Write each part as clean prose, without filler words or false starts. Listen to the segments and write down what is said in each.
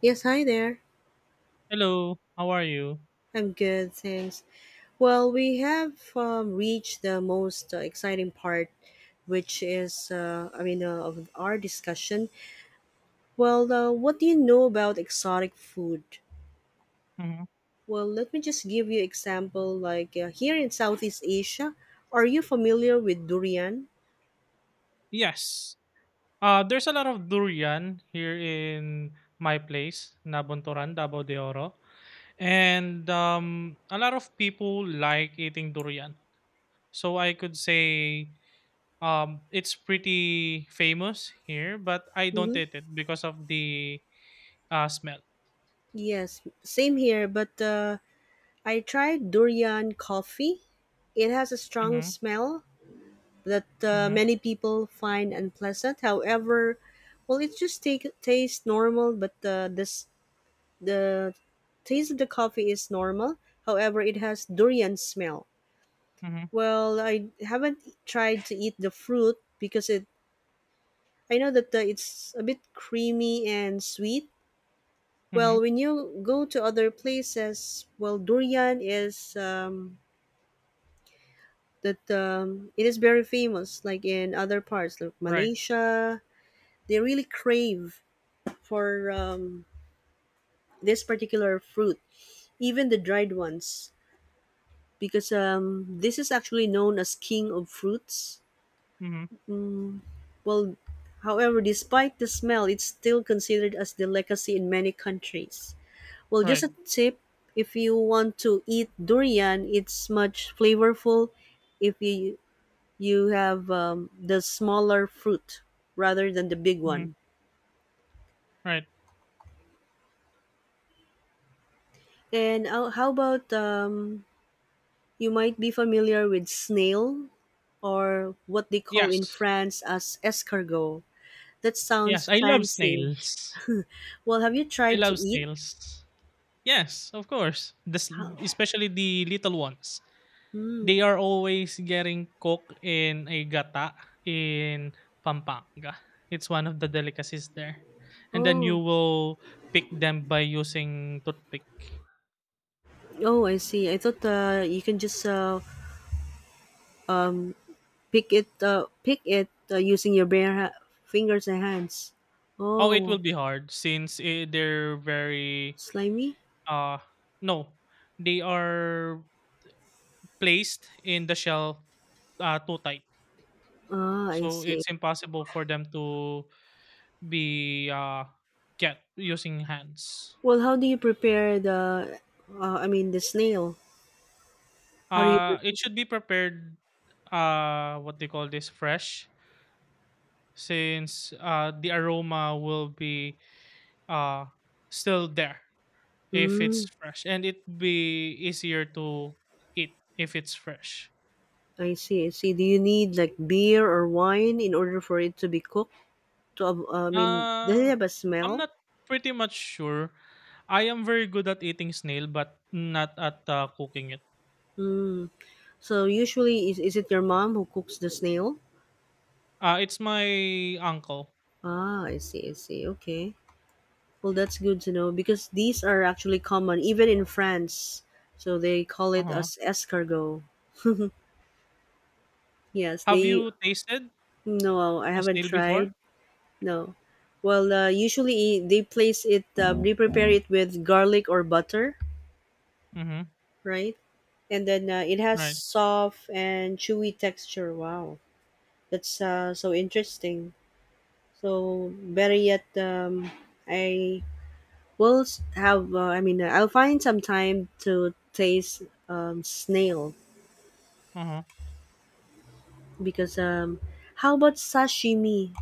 Yes, hi there. Hello, how are you? I'm good, thanks. Well, we have reached the most exciting part, which is, of our discussion. Well, what do you know about exotic food? Mhm. Well, let me just give you example. Like here in Southeast Asia, are you familiar with durian? Yes. There's a lot of durian here in my place, Nabunturan, Davao de Oro. And a lot of people like eating durian. So I could say it's pretty famous here, but I don't Mm-hmm. eat it because of the smell. Yes, same here. But I tried durian coffee. It has a strong Mm-hmm, smell that mm-hmm, many people find unpleasant. However, well, it just tastes normal, but this the taste of the coffee is normal. However, it has durian smell. mm-hmm, Well, I haven't tried to eat the fruit because it. I know that it's a bit creamy and sweet. mm-hmm. Well, when you go to other places, well, durian is that it is very famous, like in other parts like Right, Malaysia, they really crave for this particular fruit, even the dried ones, because this is actually known as king of fruits. mm-hmm, Mm, well, however, despite the smell, it's still considered as delicacy in many countries. Well, just right, a tip: if you want to eat durian, it's much flavorful if you have the smaller fruit rather than the big mm-hmm, one. right. And how about you might be familiar with snail or what they call in Yes, France as escargot. That yes, sounds I love fancy. snails. Well, have you I tried to love eat? snails. Yes, of course. The, s- How? especially the little ones. They are always getting cooked in a gata in Pampanga. It's one of the delicacies there. And then you Oh, will pick them by using toothpick. oh, I see. I thought you can just pick it using your bare fingers and hands. Oh, it will Oh, be hard since they're very slimy. uh no, they are placed in the shell too tight. Ah, I So see. it's impossible for them to be get using hands. Well, how do you prepare the? The snail. How do you? It Prepare? should be prepared, what they call this, fresh, since the aroma will be uh, still there if it's Mm, fresh, and it be easier to eat if it's fresh. I see. I see. Do you need like beer or wine in order for it to be cooked? To av- I mean, does it Uh, have a I'm smell? not pretty much sure. I am very good at eating snail, but not at cooking it. Mm. So usually, is it your mom who cooks the snail? It's my uncle. Ah, I see, I see. Okay. Well, that's good to know because these are actually common even in France. So they call it Uh-huh. as escargot. Yes, Have they. you tasted No, I a haven't snail tried. before? No. Well, usually they place it. They prepare it with garlic or butter, Mm-hmm. right? And then it has Right. soft and chewy texture. Wow, that's so interesting. So better yet, I will I'll find some time to taste snail Uh-huh. because how about sashimi?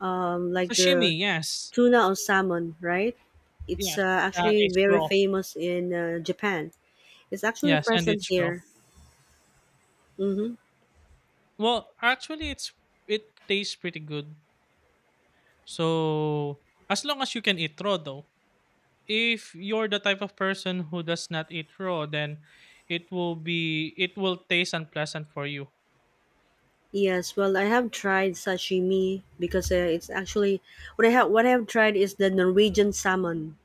Like the Sashimi, yes. tuna or salmon, right? It's Yes, that actually is very raw. famous in Japan. It's actually Yes, and present it's raw. here. Mm-hmm. Well, actually, it tastes pretty good. So as long as you can eat raw, though, if you're the type of person who does not eat raw, then it will taste unpleasant for you. Yes, well, I have tried sashimi because it's actually What I have tried is the Norwegian salmon.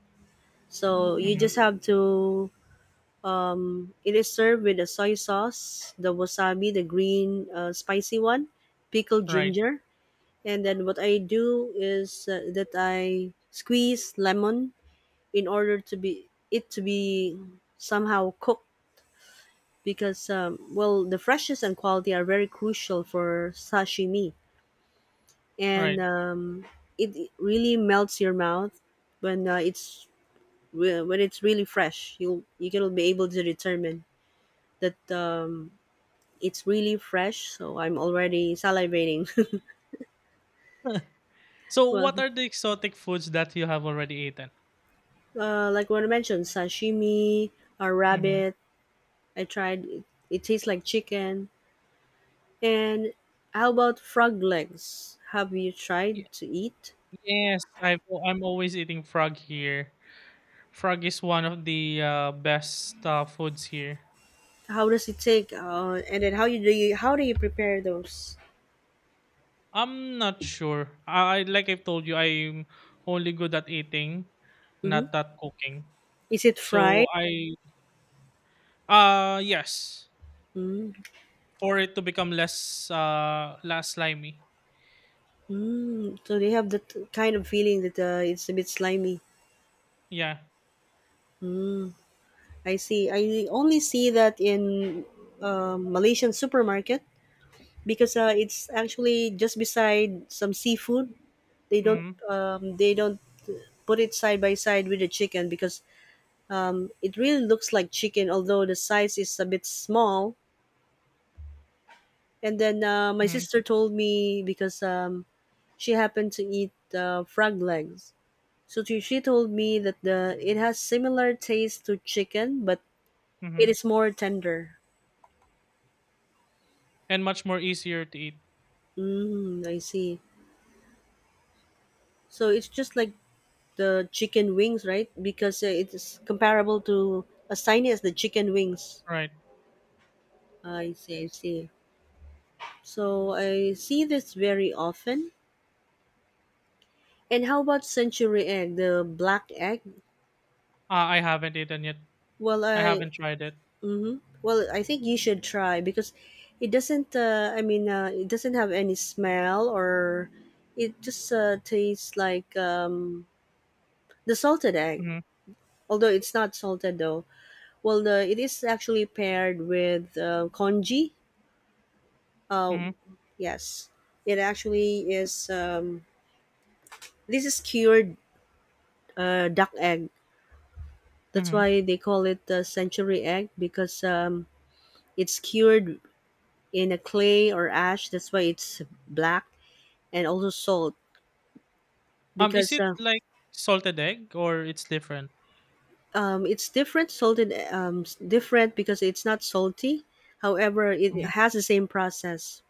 So you Hmm. just have to it is served with a soy sauce, the wasabi, the green spicy one, pickled Right, ginger, and then what I do is that I squeeze lemon in order to be it to be somehow cooked because well the freshness and quality are very crucial for sashimi and right. It really melts your mouth when uh, it's when it's really fresh you can be able to determine that it's really fresh, so I'm already salivating. So what Well, are the exotic foods that you have already eaten? Like what I mentioned, sashimi, a Hmm. rabbit. I tried. It tastes like chicken. And how about frog legs? Have you tried to eat? Yes, I'm always eating frog here. Frog is one of the best foods here. How does it take? And then how you do you how do you prepare those? I'm not sure. I like I've told you, I'm only good at eating, hmm not at cooking. Is it So fried? I yes, for it to become less slimy. Mm, so they have that kind of feeling that it's a bit slimy. Yeah. I see. I only see that in Malaysian supermarket. Because it's actually just beside some seafood. They don't Mm-hmm. um, they don't put it side by side with the chicken because it really looks like chicken, although the size is a bit small. And then my Mm-hmm. sister told me because she happened to eat frog legs, so she told me that the it has similar taste to chicken, but Mm-hmm. it is more tender. And much more easier to eat. Mm, I see. So it's just like the chicken wings, right? Because it is comparable to as tiny as the chicken wings. Right. I see, I see. So I see this very often. And how about century egg, the black egg? I haven't eaten yet. Well, I I haven't tried it. Mm-hmm. Well, I think you should try because it doesn't have any smell or it just tastes like the salted egg. Mm-hmm. Although it's not salted though. Well, it is actually paired with congee. Oh, Mm-hmm. yes. It actually is. This is cured duck egg. That's Mm-hmm. why they call it the century egg because it's cured in a clay or ash. That's why it's black and also salt Is because it like salted egg or it's different? It's different because it's not salty. However, it Mhm. has the same process.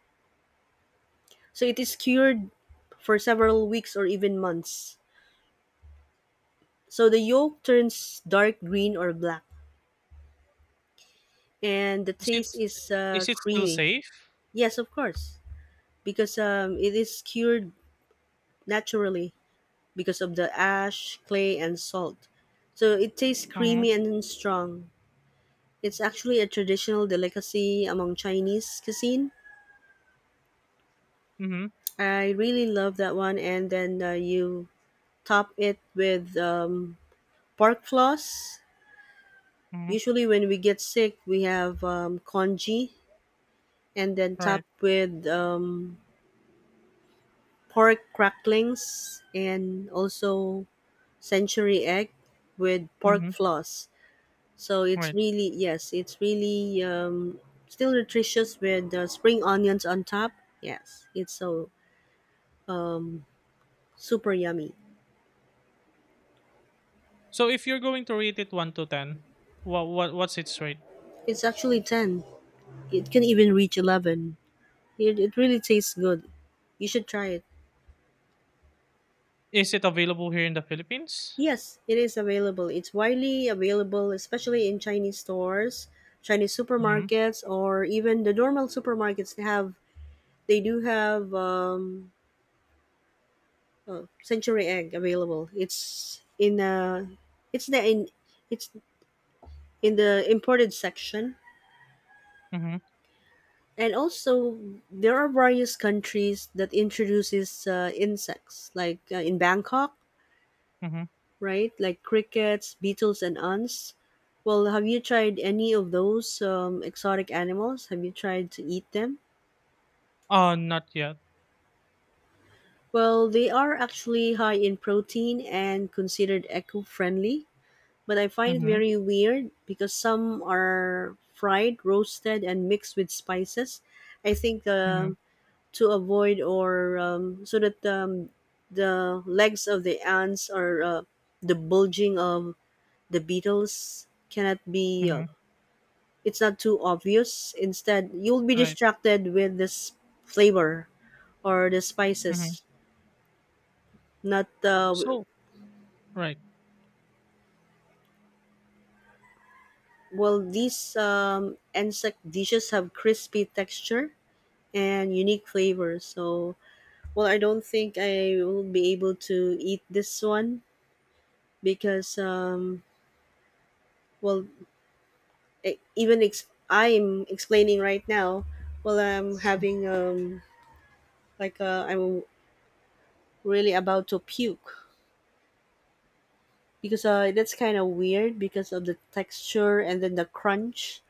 So it is cured for several weeks or even months. So the yolk turns dark green or black. And the Is it taste is is it still creamy. safe? Yes, of course, because it is cured naturally because of the ash, clay, and salt. So it tastes Mm-hmm. creamy and strong. It's actually a traditional delicacy among Chinese cuisine. Mm-hmm. I really love that one. And then you top it with pork floss. Mm-hmm. Usually, when we get sick, we have congee and then top Right. with pork cracklings and also century egg with pork Mm-hmm. floss. So it's Right. really yes, it's really still nutritious with the spring onions on top. Yes, it's so super yummy. So if you're going to rate it 1 to 10, what's its rate? It's actually 10. It can even reach 11. It really tastes good. You should try it. Is it available here in the Philippines? Yes, it is available. It's widely available, especially in Chinese stores, Chinese Mhm. supermarkets, or even the normal supermarkets have They do have century egg available. It's the in it's in the imported section, Mhm. and also there are various countries that introduces insects, like in Bangkok, Mhm. right? Like crickets, beetles, and ants. Well, have you tried any of those exotic animals? Have you tried to eat them? Not yet. Well, they are actually high in protein and considered eco friendly. But I find it Mhm. very weird because some are fried, roasted, and mixed with spices. I think Mhm. To avoid or so that the legs of the ants or the bulging of the beetles cannot be. Mhm. It's not too obvious. Instead, you'll be Right. distracted with this flavor or the Mhm. spices. Not So, right. well. These insect dishes have crispy texture and unique flavors. So, well, I don't think I will be able to eat this one because, well, I'm explaining right now. Well, I'm having I'm really about to puke because that's kind of weird because of the texture and then the crunch.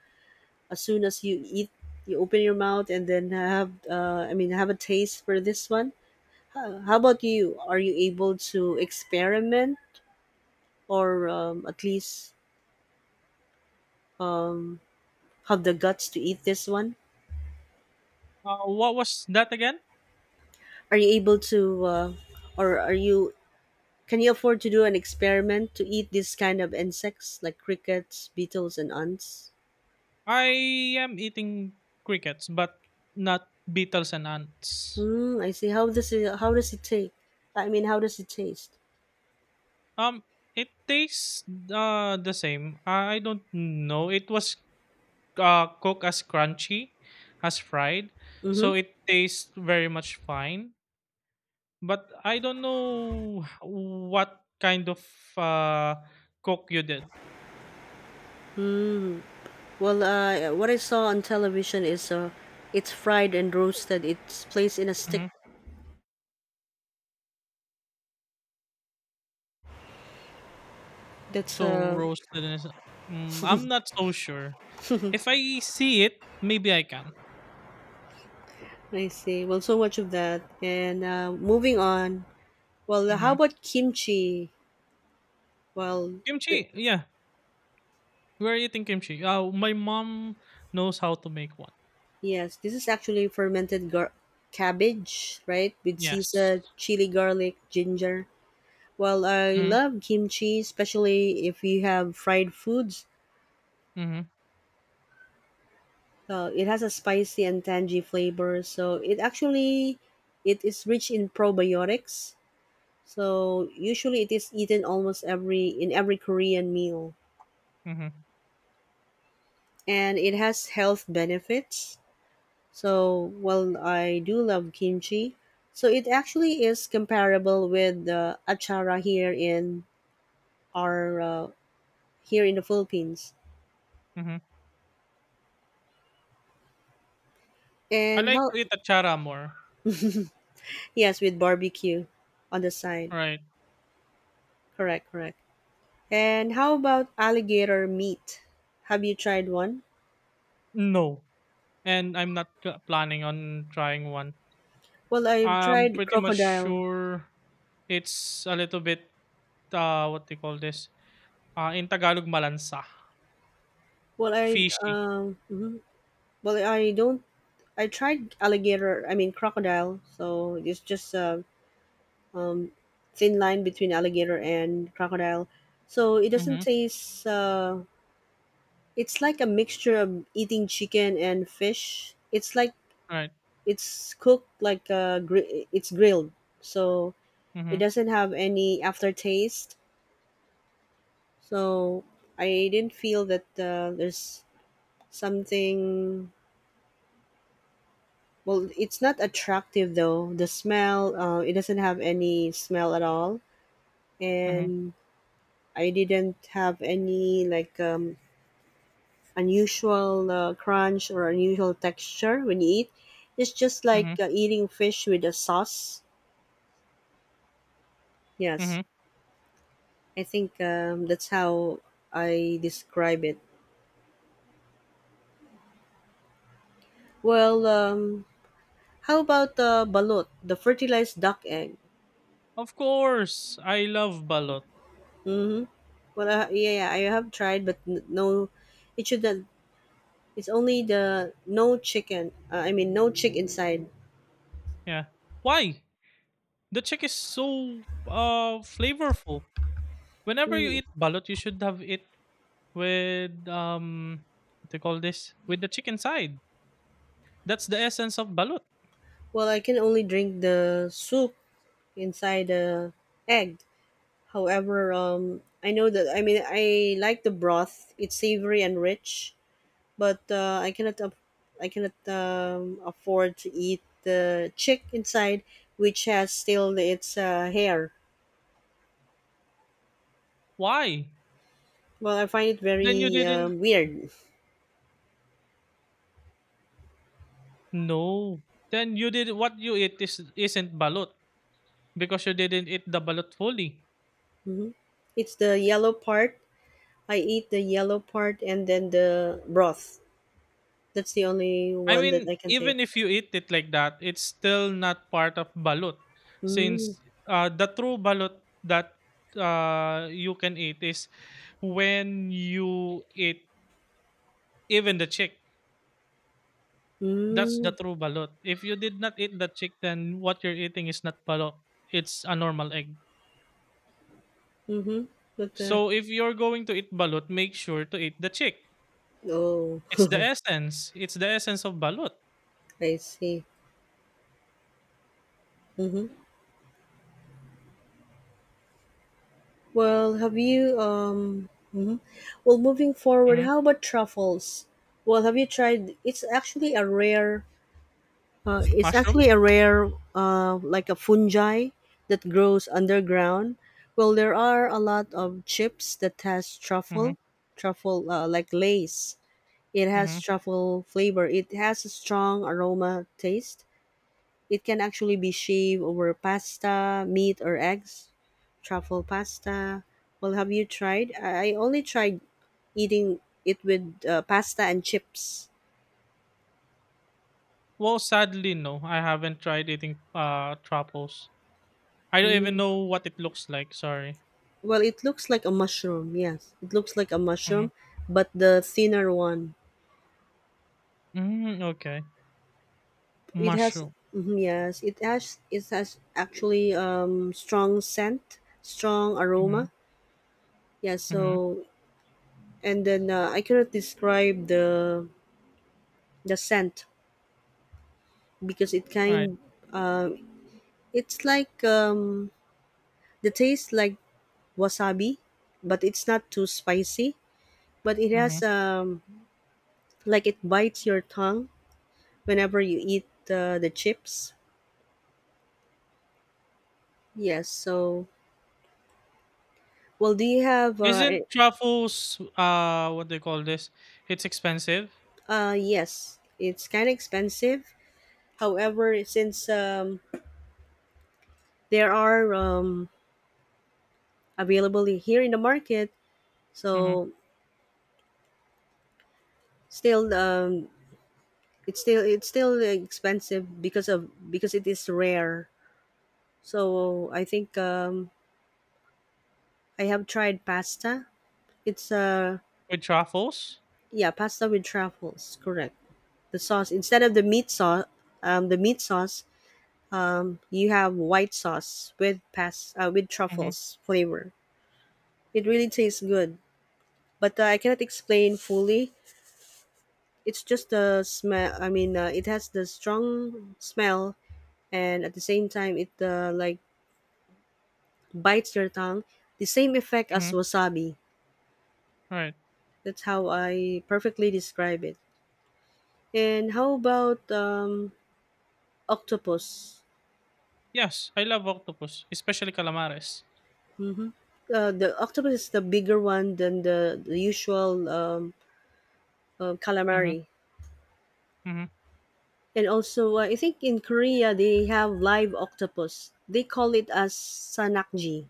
As soon as you eat, you open your mouth and then have a taste for this one. How about you? Are you able to experiment or at least um, have the guts to eat this one? What was that again? Are you able to, or are you? Can you afford to do an experiment to eat this kind of insects like crickets, beetles, and ants? I am eating crickets, but not beetles and ants. Hmm. I see. How does it? How does it take? I mean, how does it taste? Um, it tastes the same. I don't know. It was cooked as crunchy, as fried, Mm-hmm. so it tastes very much fine. But I don't know what kind of, uh, cook you did. Well, what I saw on television is it's fried and roasted. It's placed in a stick. Mhm. That's So roasted is I'm not so sure. If I see it, maybe I can. I see. Well, so much of that. And moving on. Well, how Mhm. about kimchi? Well, th- Kimchi, yeah. Where are you eating kimchi? My mom knows how to make one. yes, this is actually fermented cabbage, right? With Yes. seasoned chili, garlic, ginger. Well, I Mhm, love kimchi, especially if you have fried foods. mhm, It has a spicy and tangy flavor, so it is rich in probiotics. So usually it is eaten almost every in every Korean meal, mhm, and it has health benefits. So, well, I do love kimchi. So it actually is comparable with the achara here in our here in the Philippines. mhm. I And like how to eat achara more. yes, with barbecue on the side. Right. Correct, correct. And how about alligator meat? Have you tried one? No. And I'm not planning on trying one. Well, I've I'm tried pretty much crocodile. sure it's a little bit, what they call this, in Tagalog, malansa. Well, I Fishy. Mhm. Well, I don't I tried alligator, I mean crocodile. So it's just um, thin line between alligator and crocodile. So it doesn't Mm-hmm. taste. It's like a mixture of eating chicken and fish. It's like Right. it's cooked like it's grilled, so it Mm-hmm. doesn't have any aftertaste. So I didn't feel that there's something. Well, it's not attractive though. The smell, it doesn't have any smell at all, Mm-hmm. and I didn't have any like unusual crunch or unusual texture when you eat. It's just like Mm-hmm. Eating fish with a sauce. Yes, Mm-hmm. I think that's how I describe it. Well, how about the balut, the fertilized duck egg? Of course, I love balot. Well, yeah, yeah, I have tried, but no, it should. Not- it's only the no chicken. I mean, no chick inside. Yeah. Why? The chick is so flavorful. Whenever you Mm. eat balot, you should have it with what do call this, with the chicken side. That's the essence of balut. Well, I can only drink the soup inside the egg. However, I know that I like the broth. It's savory and rich, but I cannot afford to eat the chick inside, which has still its hair. Why Well, I find it then you very didn't, weird. no, then you did what you eat is isn't balut, because you didn't eat the balut fully. Hmm. It's the yellow part. I eat the yellow part and then the broth. That's the only I one that mean, I can take. even if you eat it like that, it's still not part of balut, Mm, since the true balut that you can eat is when you eat even the chick. That's the mm, true balot. If you did not eat that chick, then what you're eating is not balot. It's a normal egg. mm-hmm. But So if you're going to eat balot, make sure to eat the chick. oh, It's the essence. It's the essence of balot. I see. Mm-hmm. Well, have you mhm. Well, moving forward, Hmm. how about truffles? Well, have you tried it's actually a rare uh, it's Mushroom? actually a rare like a fungi that grows underground. Well, there are a lot of chips that has Hmm. truffle, like lace. It has Hmm. truffle flavor. It has a strong aroma taste. It can actually be shaved over pasta, meat, or eggs. Truffle pasta. Well, have you tried? I only tried eating it with pasta and chips. Well, sadly, no. I haven't tried eating trapos. I don't even Mm. know what it looks like. Sorry. Well, it looks like a mushroom. Yes, it looks like a mushroom, Hmm. but the thinner one. Mm. Okay. It has Mushroom. mhm, yes, it has actually strong scent, strong Hmm. aroma. Yeah. Hmm. So and then I cannot describe the scent, because it Right. kind uh, it's like the taste like wasabi, but it's not too spicy, but it Hmm. has like it bites your tongue whenever you eat the chips. Yes, so well, do you have Isn't truffles, what they call this? It's expensive. Yes, it's kind of expensive. However, since there are available here in the market, Mhm. so still it's still expensive because of because it is rare. So I think I have tried pasta. It's With truffles? Yeah, pasta with truffles, correct. The sauce instead of the meat sauce. um, the meat sauce you have white sauce with with Mhm, truffles flavor. It really tastes good, but I cannot explain fully. It's just the smell. It has the strong smell, and at the same time it like bites your tongue, the same effect as mhm, wasabi. right. That's how I perfectly describe it. And how about octopus? Yes, I love octopus, especially calamares. The octopus is the bigger one than the usual Mhm, calamari. mhm. And also, I think in Korea they have live octopus. They call it as sanakji.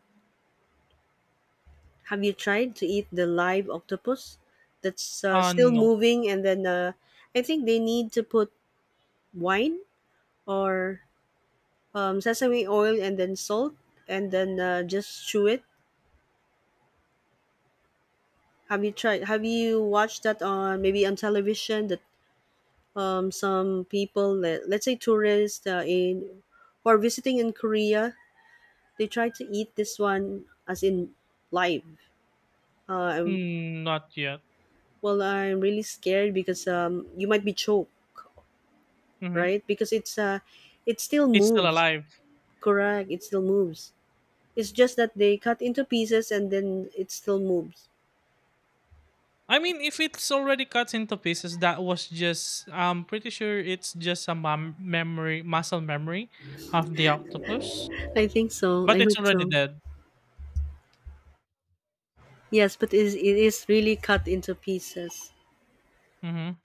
Have you tried to eat the live octopus? That's Uh, still no. moving, and then I think they need to put wine or sesame oil and then salt, and then just chew it. Have you tried? Have you watched that on maybe on television that some people, let's say tourists in who are visiting in Korea, they try to eat this one as in live. Uh, I'm- Not yet. well, I'm really scared because you might be choked, Mhm. right? Because it's it still It's still moves. alive. Correct, it still moves. It's just that they cut into pieces and then it still moves. I mean, if it's already cut into pieces, that was just I'm pretty sure it's just a mum memory muscle memory of the octopus, I think so. but I it's hope already so. dead. Yes, but it is really cut into pieces. Mhm.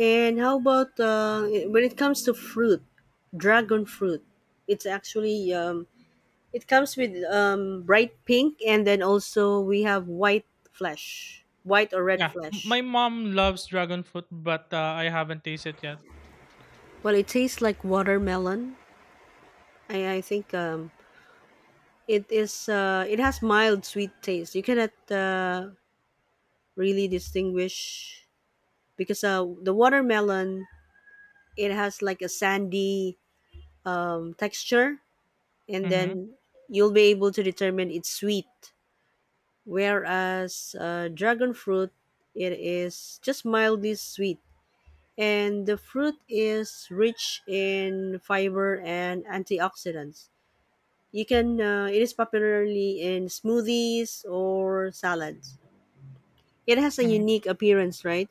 And how about when it comes to fruit, dragon fruit? It's actually it comes with bright pink, and then also we have white flesh, white or red Yeah, m flesh. my mom loves dragon fruit, but, I haven't tasted it yet. Well, it tastes like watermelon. I think it is. It has mild sweet taste. You cannot really distinguish, because the watermelon, it has like a sandy texture, and Mhm, then you'll be able to determine it's sweet. Whereas dragon fruit, it is just mildly sweet, and the fruit is rich in fiber and antioxidants. You can it is popularly in smoothies or salads. It has a mhm. unique appearance, right?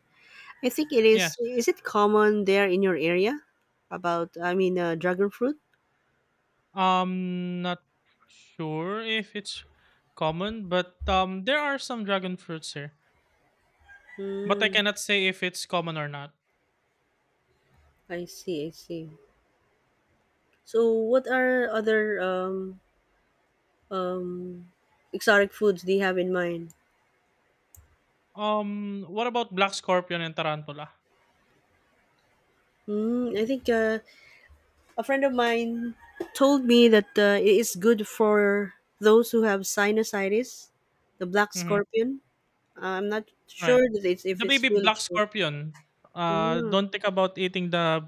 I think it Yes. is it common there in your area? About I mean Dragon fruit. Not sure if it's common, but there are some dragon fruits here. But I Hmm. cannot say if it's common or not. I see, I see. So, what are other um, exotic foods do you have in mind? What about black scorpion and tarantula? Mm, I think a friend of mine told me that it is good for those who have sinusitis, the black Mm-hmm. scorpion. I'm not sure Right. that if The it's baby really black true. scorpion. Uh, Mm. don't think about eating the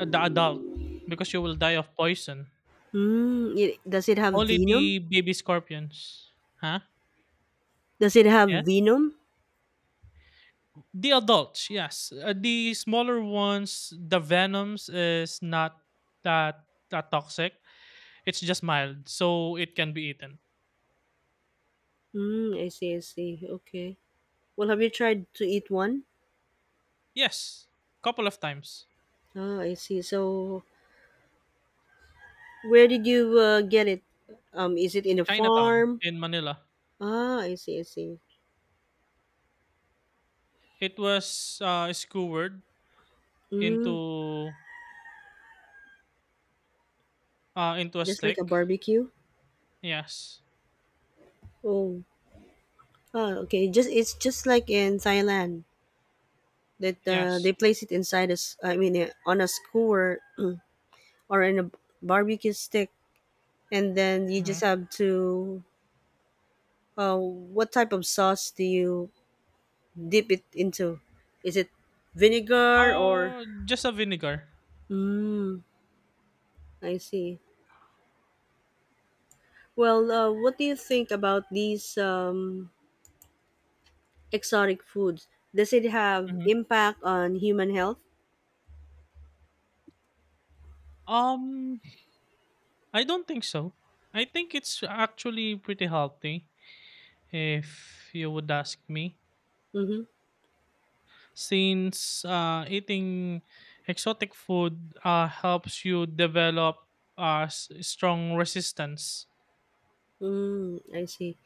the adult, because you will die of poison. Mm, does it have Only venom? the baby scorpions. Huh? Does it have Yeah? venom? The adults, yes. The smaller ones, the venoms is not that toxic. It's just mild, so it can be eaten. Mm, I see, I see. Okay. Well, have you tried to eat one? Yes, couple of times. Ah, I see. So where did you get it? Is it in a Chinatown farm? in Manila. Ah, I see, I see. It was skewered Mm, into into a just like a stick. barbecue. Yes, Oh, ah, okay. Just it's just like in Thailand that yes. they place it inside us. I mean, on a skewer or in a barbecue stick, and then you Hmm. just have to. What type of sauce do you dip it into? Is it vinegar or? Just a vinegar. Mm, I see. Well, what do you think about these? Exotic foods, does it have Hmm. impact on human health? Um, I don't think so. I think it's actually pretty healthy, if you would ask me. Mm-hmm. Since eating exotic food helps you develop strong resistance. Mm, I see.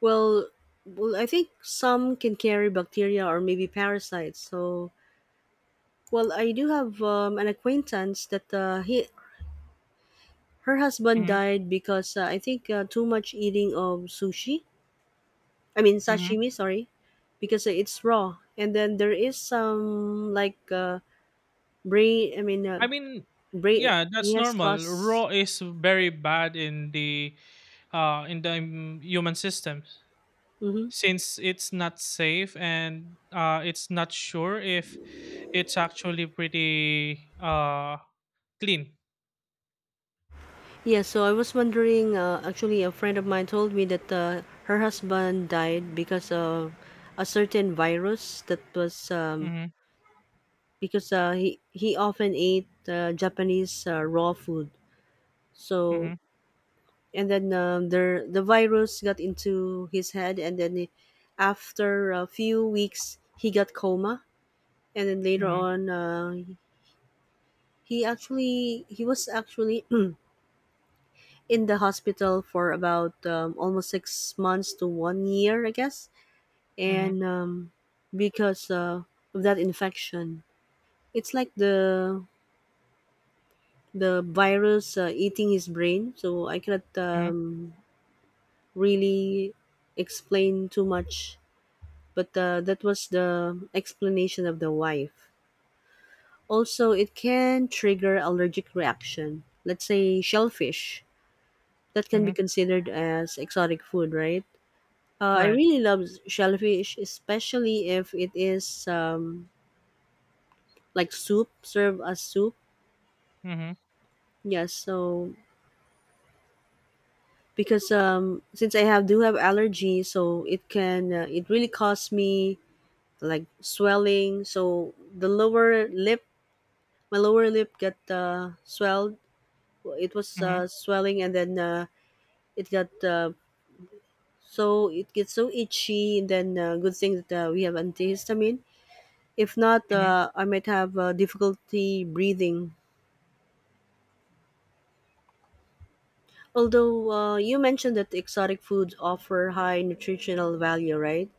Well, well, I think some can carry bacteria or maybe parasites. So well, I do have an acquaintance that he her husband Hmm. died because I think too much eating of sushi. I mean Hmm. sashimi, sorry. Because it's raw, and then there is some like brain. I mean, Brain, yeah, he that's has normal. caused. Raw is very bad in the human system, since it's not safe and it's not sure if it's actually pretty clean. Yes, so I was wondering, actually, a friend of mine told me that her husband died because of a certain virus that was Mhm, because he often ate Japanese raw food. So, mhm, and then the virus got into his head, and then he- after a few weeks, he got coma. And then later mhm, on, he was actually in the hospital for about almost 6 months to 1 year, I guess. mhm, And because of that infection, it's like the virus eating his brain. So I cannot mhm, really explain too much, but that was the explanation of the wife. Also, it can trigger allergic reaction. Let's say shellfish. That can be mhm, considered as exotic food, right? I right. really love shellfish, especially if it is like soup, served as soup. Mhm, Yes, so because since I have do have allergy, so it can it really cause me like swelling. So the lower lip, my lower lip got swelled. It was mhm, swelling, and then it got so it gets so itchy. And then good thing that we have antihistamine. If not, mhm, I might have difficulty breathing. Although you mentioned that exotic foods offer high nutritional value, right?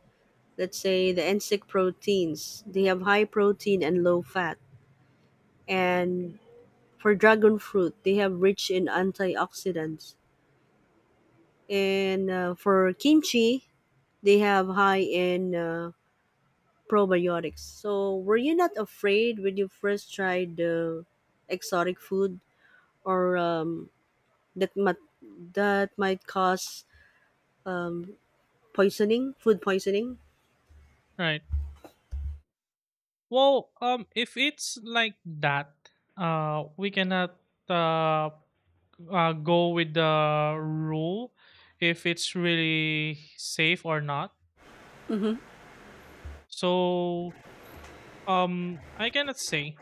Let's say the insect proteins, they have high protein and low fat. And for dragon fruit, they have rich in antioxidants. And for kimchi, they have high in probiotics. So were you not afraid when you first tried the exotic food or might that might cause poisoning, food poisoning? right. Well, if it's like that, we cannot uh, go with the rule if it's really safe or not. Mm-hmm. So, I cannot say,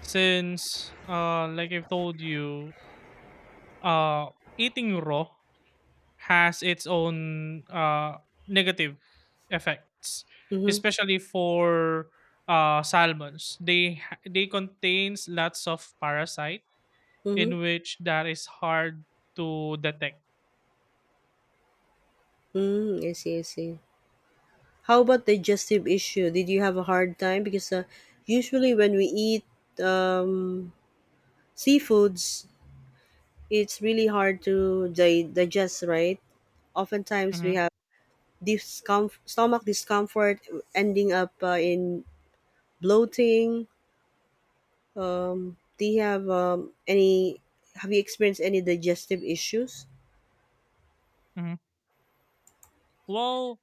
since like I've told you, uh, eating raw has its own negative effects, Mhm, especially for salmons. They contains lots of parasite mhm. in which that is hard to detect. Mm, I see, I see. How about digestive issue? Did you have a hard time? Because usually when we eat um, seafoods, it's really hard to digest, right? Oftentimes we Hmm. have stomach discomfort, ending up in bloating. Do you have any? Have you experienced any digestive issues? Hmm. Well,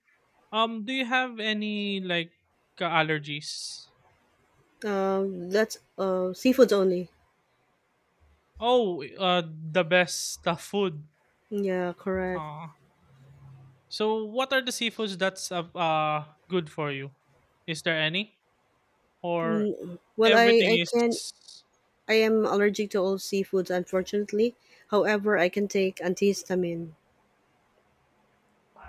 do you have any like allergies? That's seafoods only. Oh, the best food. Yeah, correct. Uh, so what are the seafoods that's good for you? Is there any or Mm, well, I everything I can is? I am allergic to all seafoods, unfortunately. However, I can take antihistamine.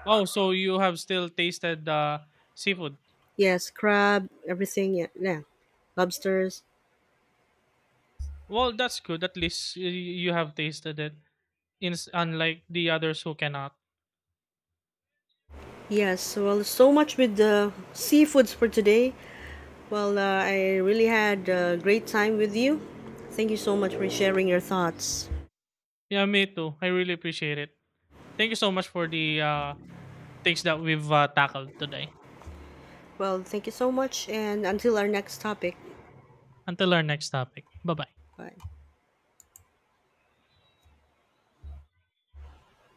Oh, so you have still tasted seafood. Yes, crab, everything, yeah, yeah. Lobsters. Well, that's good. At least you have tasted it. In unlike the others who cannot. Yes, so, well, so much with the seafoods for today. Well, I really had a great time with you. Thank you so much for sharing your thoughts. Yeah, me too. I really appreciate it. Thank you so much for the things that we've tackled today. Well, thank you so much, and until our next topic. Until our next topic. Bye bye. Bye.